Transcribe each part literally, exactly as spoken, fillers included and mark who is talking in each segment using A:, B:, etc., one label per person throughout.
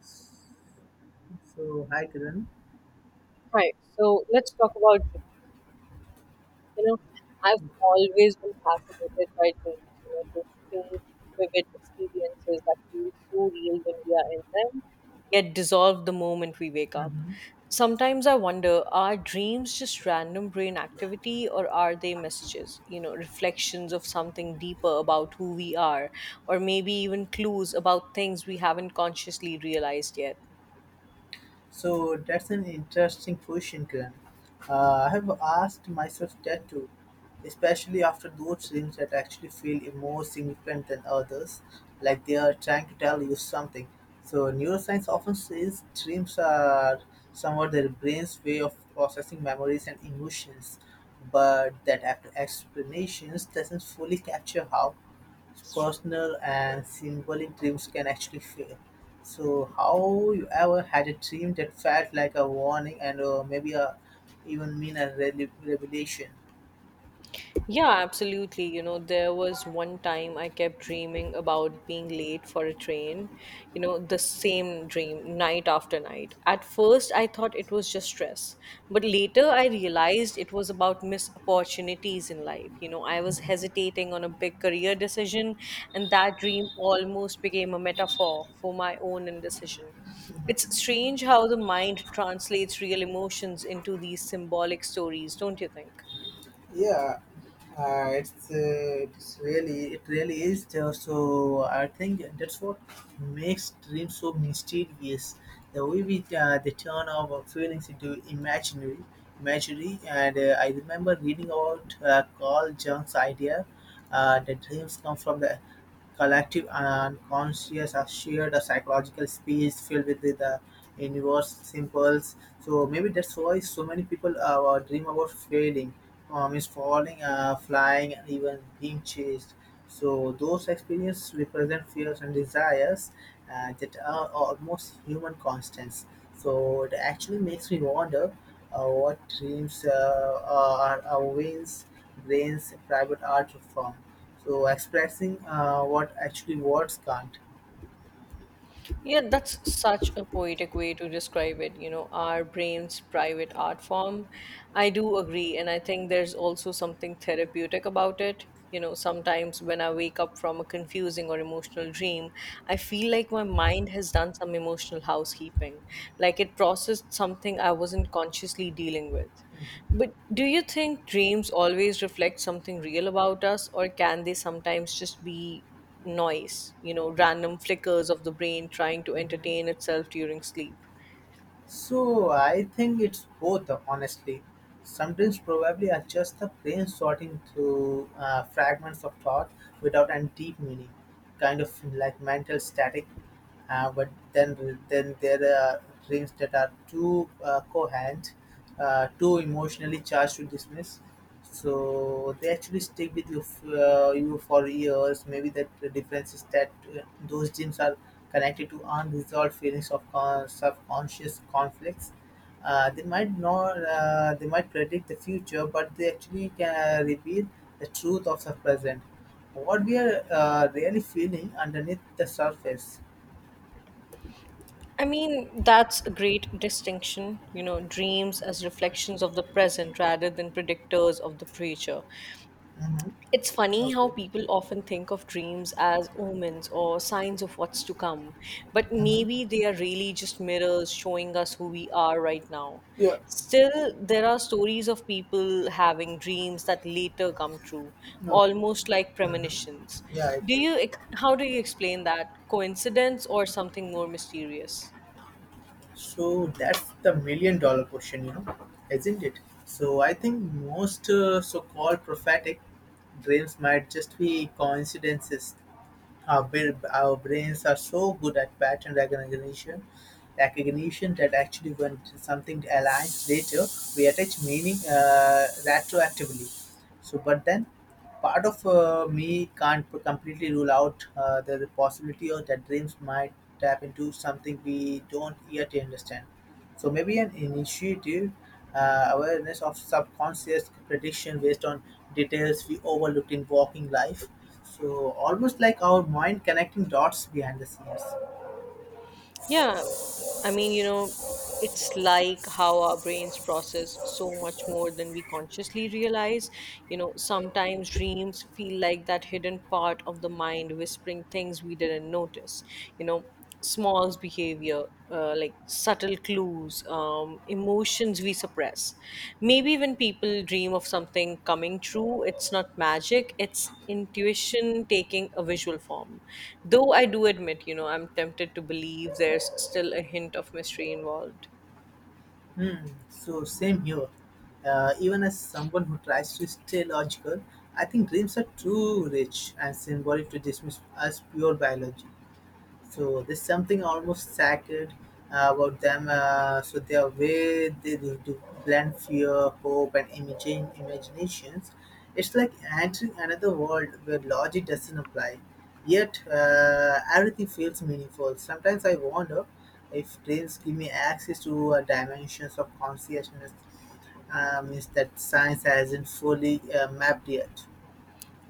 A: So, hi Kiran.
B: Right. So let's talk about dreams. You know, I've always been fascinated by dreams. You know, those strange, vivid experiences that feel so real when we are in them, yet dissolve the moment we wake up.
A: hmm
B: Sometimes I wonder, are dreams just random brain activity or are they messages, you know, reflections of something deeper about who we are, or maybe even clues about things we haven't consciously realized yet?
A: So, that's an interesting question, Kiran. Uh, I have asked myself that too, especially after those dreams that actually feel more significant than others, like they are trying to tell you something. So, neuroscience often says dreams are somewhat their brain's way of processing memories and emotions, but that explanation doesn't fully capture how personal and symbolic dreams can actually fail. So, how you ever had a dream that felt like a warning and uh, maybe a, even mean a rele- revelation?
B: Yeah, absolutely. You know, there was one time I kept dreaming about being late for a train, you know, the same dream night after night. At first, I thought it was just stress, but later I realized it was about missed opportunities in life. You know, I was hesitating on a big career decision, and that dream almost became a metaphor for my own indecision. It's strange how the mind translates real emotions into these symbolic stories, don't you think?
A: Yeah, Uh, it's uh, it's really it really is there. So I think that's what makes dreams so mysterious. The way we uh, they turn our feelings into imaginary, imaginary. And uh, I remember reading about uh, Carl Jung's idea uh, that dreams come from the collective unconscious, conscious or shared a psychological space filled with the, the universe symbols. So maybe that's why so many people uh, dream about failing um, is falling, uh, flying, and even being chased. So those experiences represent fears and desires uh, that are almost human constants. So it actually makes me wonder uh, what dreams uh, uh, are our veins, brains, private art form. So expressing uh, what actually words can't.
B: Yeah, that's such a poetic way to describe it, you know, our brain's private art form. I do agree, and I think there's also something therapeutic about it. You know, sometimes when I wake up from a confusing or emotional dream, I feel like my mind has done some emotional housekeeping, like it processed something I wasn't consciously dealing with. But do you think dreams always reflect something real about us, or can they sometimes just be noise, you know, random flickers of the brain trying to
A: Mhm.
B: entertain itself during sleep?
A: So I think it's both, honestly. Sometimes probably are just the brain sorting through uh, fragments of thought without any deep meaning, kind of like mental static. Uh, but then, then there are dreams that are too uh, coherent, uh, too emotionally charged to dismiss. So they actually stick with you, f- uh, you for years. Maybe that the difference is that uh, those dreams are connected to unresolved feelings of con- subconscious conflicts. Uh, they might not, uh, they might predict the future, but they actually can reveal the truth of the present. What we are uh, really feeling underneath the surface.
B: I mean, that's a great distinction, you know, dreams as reflections of the present rather than predictors of the future.
A: Mm-hmm.
B: It's funny how
A: Okay.
B: people often think of dreams as omens or signs of what's to come, but maybe
A: Mm-hmm.
B: they are really just mirrors showing us who we are right now.
A: Yeah.
B: Still, there are stories of people having dreams that later come true,
A: No.
B: almost like premonitions.
A: Mm-hmm. Yeah, I
B: Do
A: do.
B: you, how do you explain that? Coincidence or something more mysterious?
A: So that's the million dollar question, you know, isn't it? So I think most uh, so called prophetic dreams might just be coincidences. Our, bra- our brains are so good at pattern recognition, recognition that actually when something aligns later, we attach meaning uh, retroactively. So, but then part of uh, me can't completely rule out uh, the possibility of that dreams might tap into something we don't yet understand. So maybe an initiative uh, awareness of subconscious prediction based on details we overlooked in walking life. So almost like our mind connecting dots behind the scenes.
B: Yeah, I mean, you know, it's like how our brains process so much more than we consciously realize. You know, sometimes dreams feel like that hidden part of the mind whispering things we didn't notice. You know, small behavior, uh, like subtle clues, um, emotions we suppress. Maybe when people dream of something coming true, it's not magic, it's intuition taking a visual form. Though I do admit, you know, I'm tempted to believe there's still a hint of mystery involved.
A: Hmm. So same here. Uh, even as someone who tries to stay logical, I think dreams are too rich and symbolic to dismiss as pure biology. So there's something almost sacred uh, about them. Uh, so their way they do to blend fear, hope, and imagine imaginations. It's like entering another world where logic doesn't apply. Yet uh, everything feels meaningful. Sometimes I wonder if dreams give me access to uh, dimensions of consciousness, uh, means that science hasn't fully uh, mapped yet.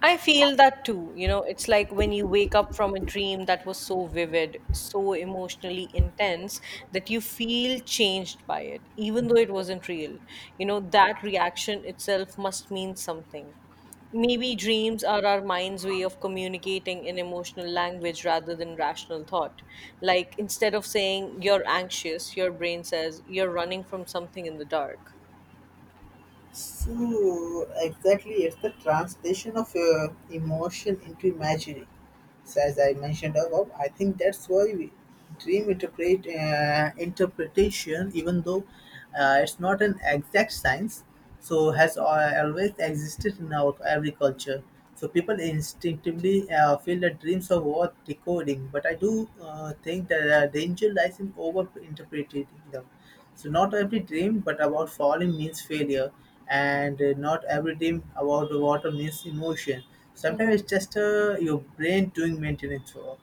B: I feel that too. You know, it's like when you wake up from a dream that was so vivid, so emotionally intense that you feel changed by it, even though it wasn't real. You know, that reaction itself must mean something. Maybe dreams are our mind's way of communicating in emotional language rather than rational thought. Like instead of saying you're anxious, your brain says you're running from something in the dark.
A: So exactly, it's the translation of uh, emotion into imaginary. So as I mentioned above, I think that's why we dream interpret uh, interpretation, even though uh, it's not an exact science, so has al- always existed in our every culture. So people instinctively uh, feel that dreams are worth decoding, but I do uh, think that uh, danger lies in over interpreting them. So not every dream but about falling means failure, and uh, not every dream about the water means emotion. Sometimes it's just uh, your brain doing maintenance work.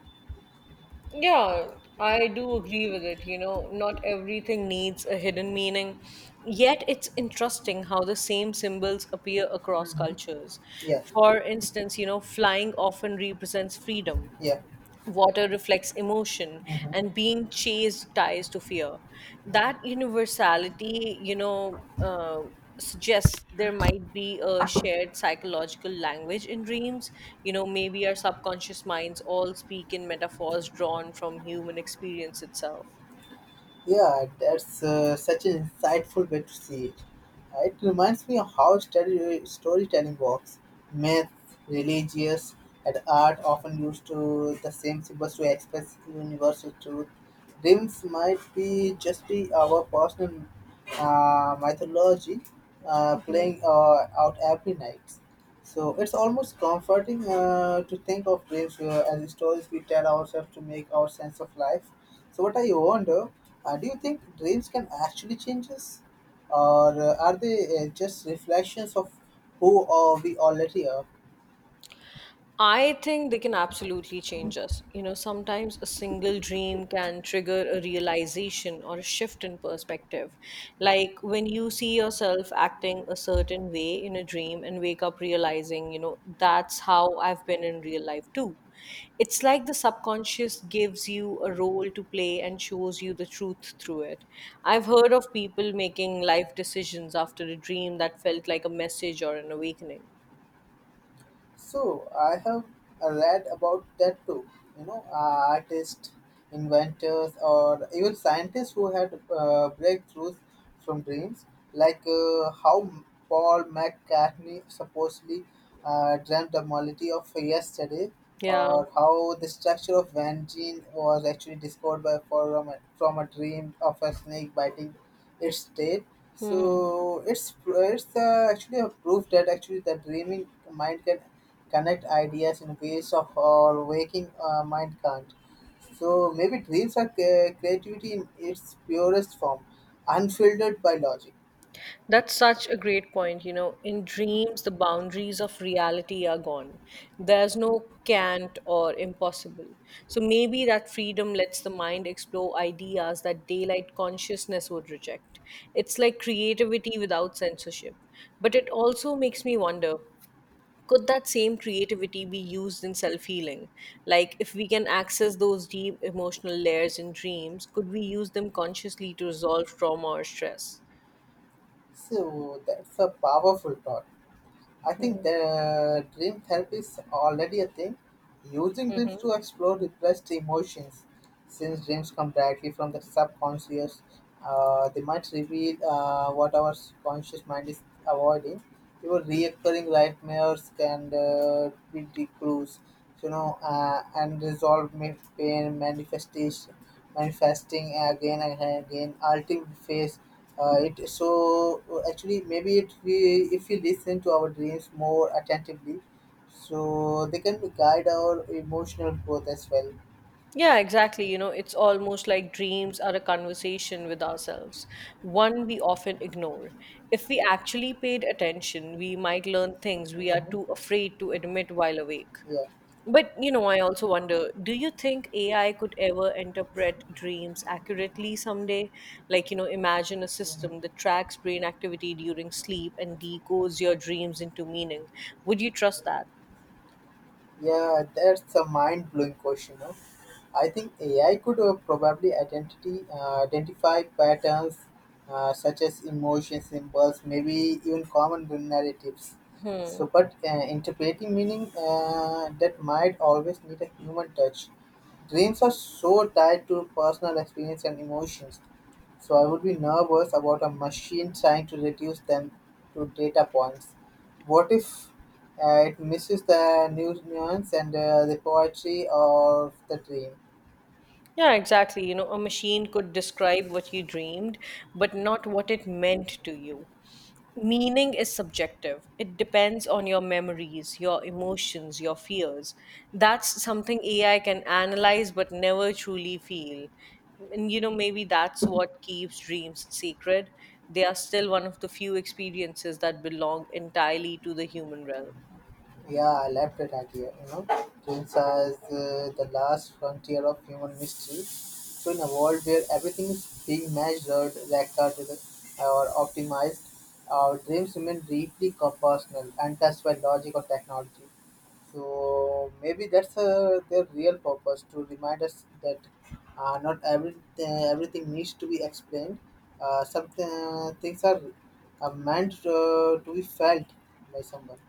B: Yeah, I do agree with it. You know, not everything needs a hidden meaning. Yet it's interesting how the same symbols appear across
A: Mm-hmm.
B: cultures.
A: Yeah.
B: For instance, you know, flying often represents freedom,
A: Yeah.
B: water reflects emotion, and
A: Mm-hmm.
B: being chased ties to fear. That universality, you know, uh, suggests there might be a shared psychological language in dreams. You know, maybe our subconscious minds all speak in metaphors drawn from human experience itself.
A: Yeah, that's uh, such an insightful way to see it. Uh, It reminds me of how story- storytelling works. Myth, religious, and art often use to the same symbols to express universal truth. Dreams might be just be our personal uh, mythology uh,
B: Mhm.
A: playing uh, out every night. So it's almost comforting uh, to think of dreams uh, as stories we tell ourselves to make our sense of life. So what I wonder, uh, do you think dreams can actually change us, or uh, are they uh, just reflections of who uh, we already are?
B: I think they can absolutely change us. You know, sometimes a single dream can trigger a realization or a shift in perspective. Like when you see yourself acting a certain way in a dream and wake up realizing, you know, that's how I've been in real life too. It's like the subconscious gives you a role to play and shows you the truth through it. I've heard of people making life decisions after a dream that felt like a message or an awakening.
A: So I have uh, read about that too. You know, uh, artists, inventors, or even scientists who had uh, breakthroughs from dreams, like uh, how Paul McCartney supposedly uh, dreamt the morality of yesterday,
B: Yeah.
A: or how the structure of Van Gene was actually discovered by from a, from a dream of a snake biting its state. So it's it's uh, actually a proof that actually the dreaming mind can connect ideas in ways of our waking uh, mind can't. So maybe dreams are cre- creativity in its purest form, unfiltered by logic.
B: That's such a great point. You know, in dreams, the boundaries of reality are gone. There's no can't or impossible. So maybe that freedom lets the mind explore ideas that daylight consciousness would reject. It's like creativity without censorship. But it also makes me wonder, could that same creativity be used in self healing? Like, if we can access those deep emotional layers in dreams, could we use them consciously to resolve trauma or stress?
A: So that's a powerful thought. I think
B: Hmm.
A: the dream therapy is already a thing. Using dreams to explore repressed emotions, since dreams come directly from the subconscious, uh, they might reveal uh, what our conscious mind is avoiding. Even reoccurring nightmares can uh, be the clues, you know, uh, and resolve ma- pain manifestation, manifesting again and again, ultimate phase uh, it so uh, actually maybe it we if we listen to our dreams more attentively, so they can guide our emotional growth as well.
B: Yeah, exactly. You know, it's almost like dreams are a conversation with ourselves, one we often ignore. If we actually paid attention, we might learn things we are
A: hmm
B: too afraid to admit while awake.
A: Yeah,
B: But, you know, I also wonder, do you think A I could ever interpret dreams accurately someday? Like, you know, imagine a system
A: hmm
B: that tracks brain activity during sleep and decodes your dreams into meaning. Would you trust that?
A: yeah, that's a mind blowing question. No? I think A I could uh, probably identity, uh, identify patterns uh, such as emotion symbols, maybe even common narratives. So, but uh, interpreting meaning uh, that might always need a human touch. Dreams are so tied to personal experience and emotions. So I would be nervous about a machine trying to reduce them to data points. What if uh, it misses the nu- nuance and uh, the poetry of the dream?
B: Yeah, exactly. You know, a machine could describe what you dreamed, but not what it meant to you. Meaning is subjective. It depends on your memories, your emotions, your fears. That's something A I can analyze but never truly feel. And you know, maybe that's what keeps dreams sacred. They are still one of the few experiences that belong entirely to the human realm.
A: Yeah, I love that idea. You know, dreams is uh, the last frontier of human mystery. So, in a world where everything is being measured, recorded, or optimized, our dreams remain deeply personal, untouched by logic or technology. So maybe that's uh, their real purpose to remind us that uh, not every uh, everything needs to be explained. Uh, some uh, things are uh, meant uh, to be felt by someone.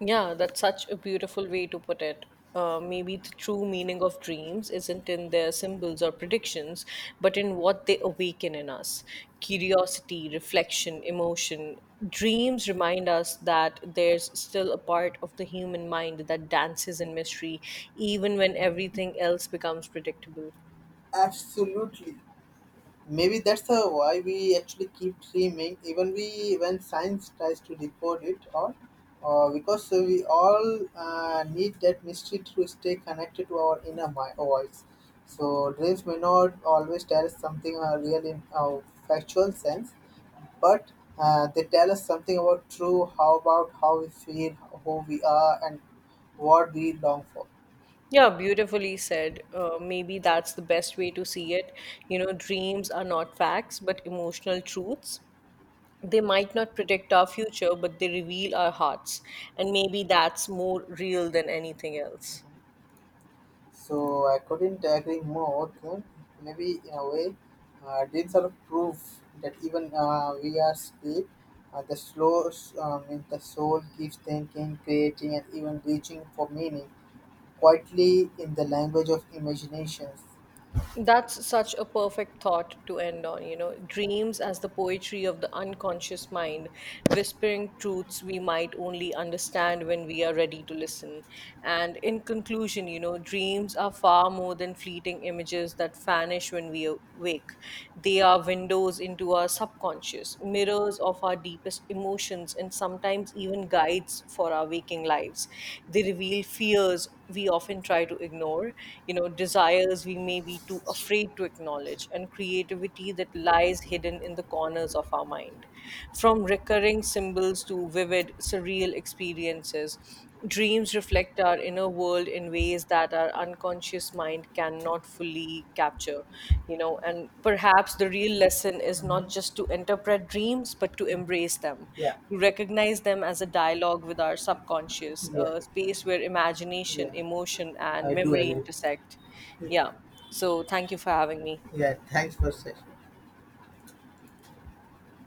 B: Yeah, that's such a beautiful way to put it. Uh, maybe the true meaning of dreams isn't in their symbols or predictions, but in what they awaken in us: curiosity, reflection, emotion. Dreams remind us that there's still a part of the human mind that dances in mystery, even when everything else becomes predictable.
A: Absolutely. Maybe that's uh, why we actually keep dreaming, even we when science tries to report it, or uh, because uh, we all uh, need that mystery to stay connected to our inner mi- voice. So dreams may not always tell us something uh, real in a factual sense, but uh, they tell us something about true, how about how we feel, who we are, and what we long for.
B: Yeah, beautifully said. Uh, maybe that's the best way to see it. You know, dreams are not facts, but emotional truths. They might not predict our future, but they reveal our hearts. And maybe that's more real than anything else.
A: So I couldn't agree more. Kun. Maybe in a way, uh, dreams are proof that even uh, we are sleep. Uh, the slow, um, mean the soul keeps thinking, creating, and even reaching for meaning quietly in the language of imaginations.
B: That's such a perfect thought to end on, you know. Dreams as the poetry of the unconscious mind, whispering truths we might only understand when we are ready to listen. And in conclusion, you know, dreams are far more than fleeting images that vanish when we awake. They are windows into our subconscious, mirrors of our deepest emotions, and sometimes even guides for our waking lives. They reveal fears we often try to ignore, you know, desires we may be too afraid to acknowledge, and creativity that lies hidden in the corners of our mind. From recurring symbols to vivid, surreal experiences, dreams reflect our inner world in ways that our unconscious mind mind cannot fully capture. You know, and perhaps the real lesson is
A: Mm-hmm.
B: not just to interpret dreams, but to embrace them,
A: Yeah,
B: to recognize them as a dialogue with our subconscious,
A: yeah,
B: a space where imagination,
A: yeah.
B: emotion and
A: I do
B: memory
A: agree.
B: intersect. Yeah, so thank you for having me.
A: Yeah, thanks for saying.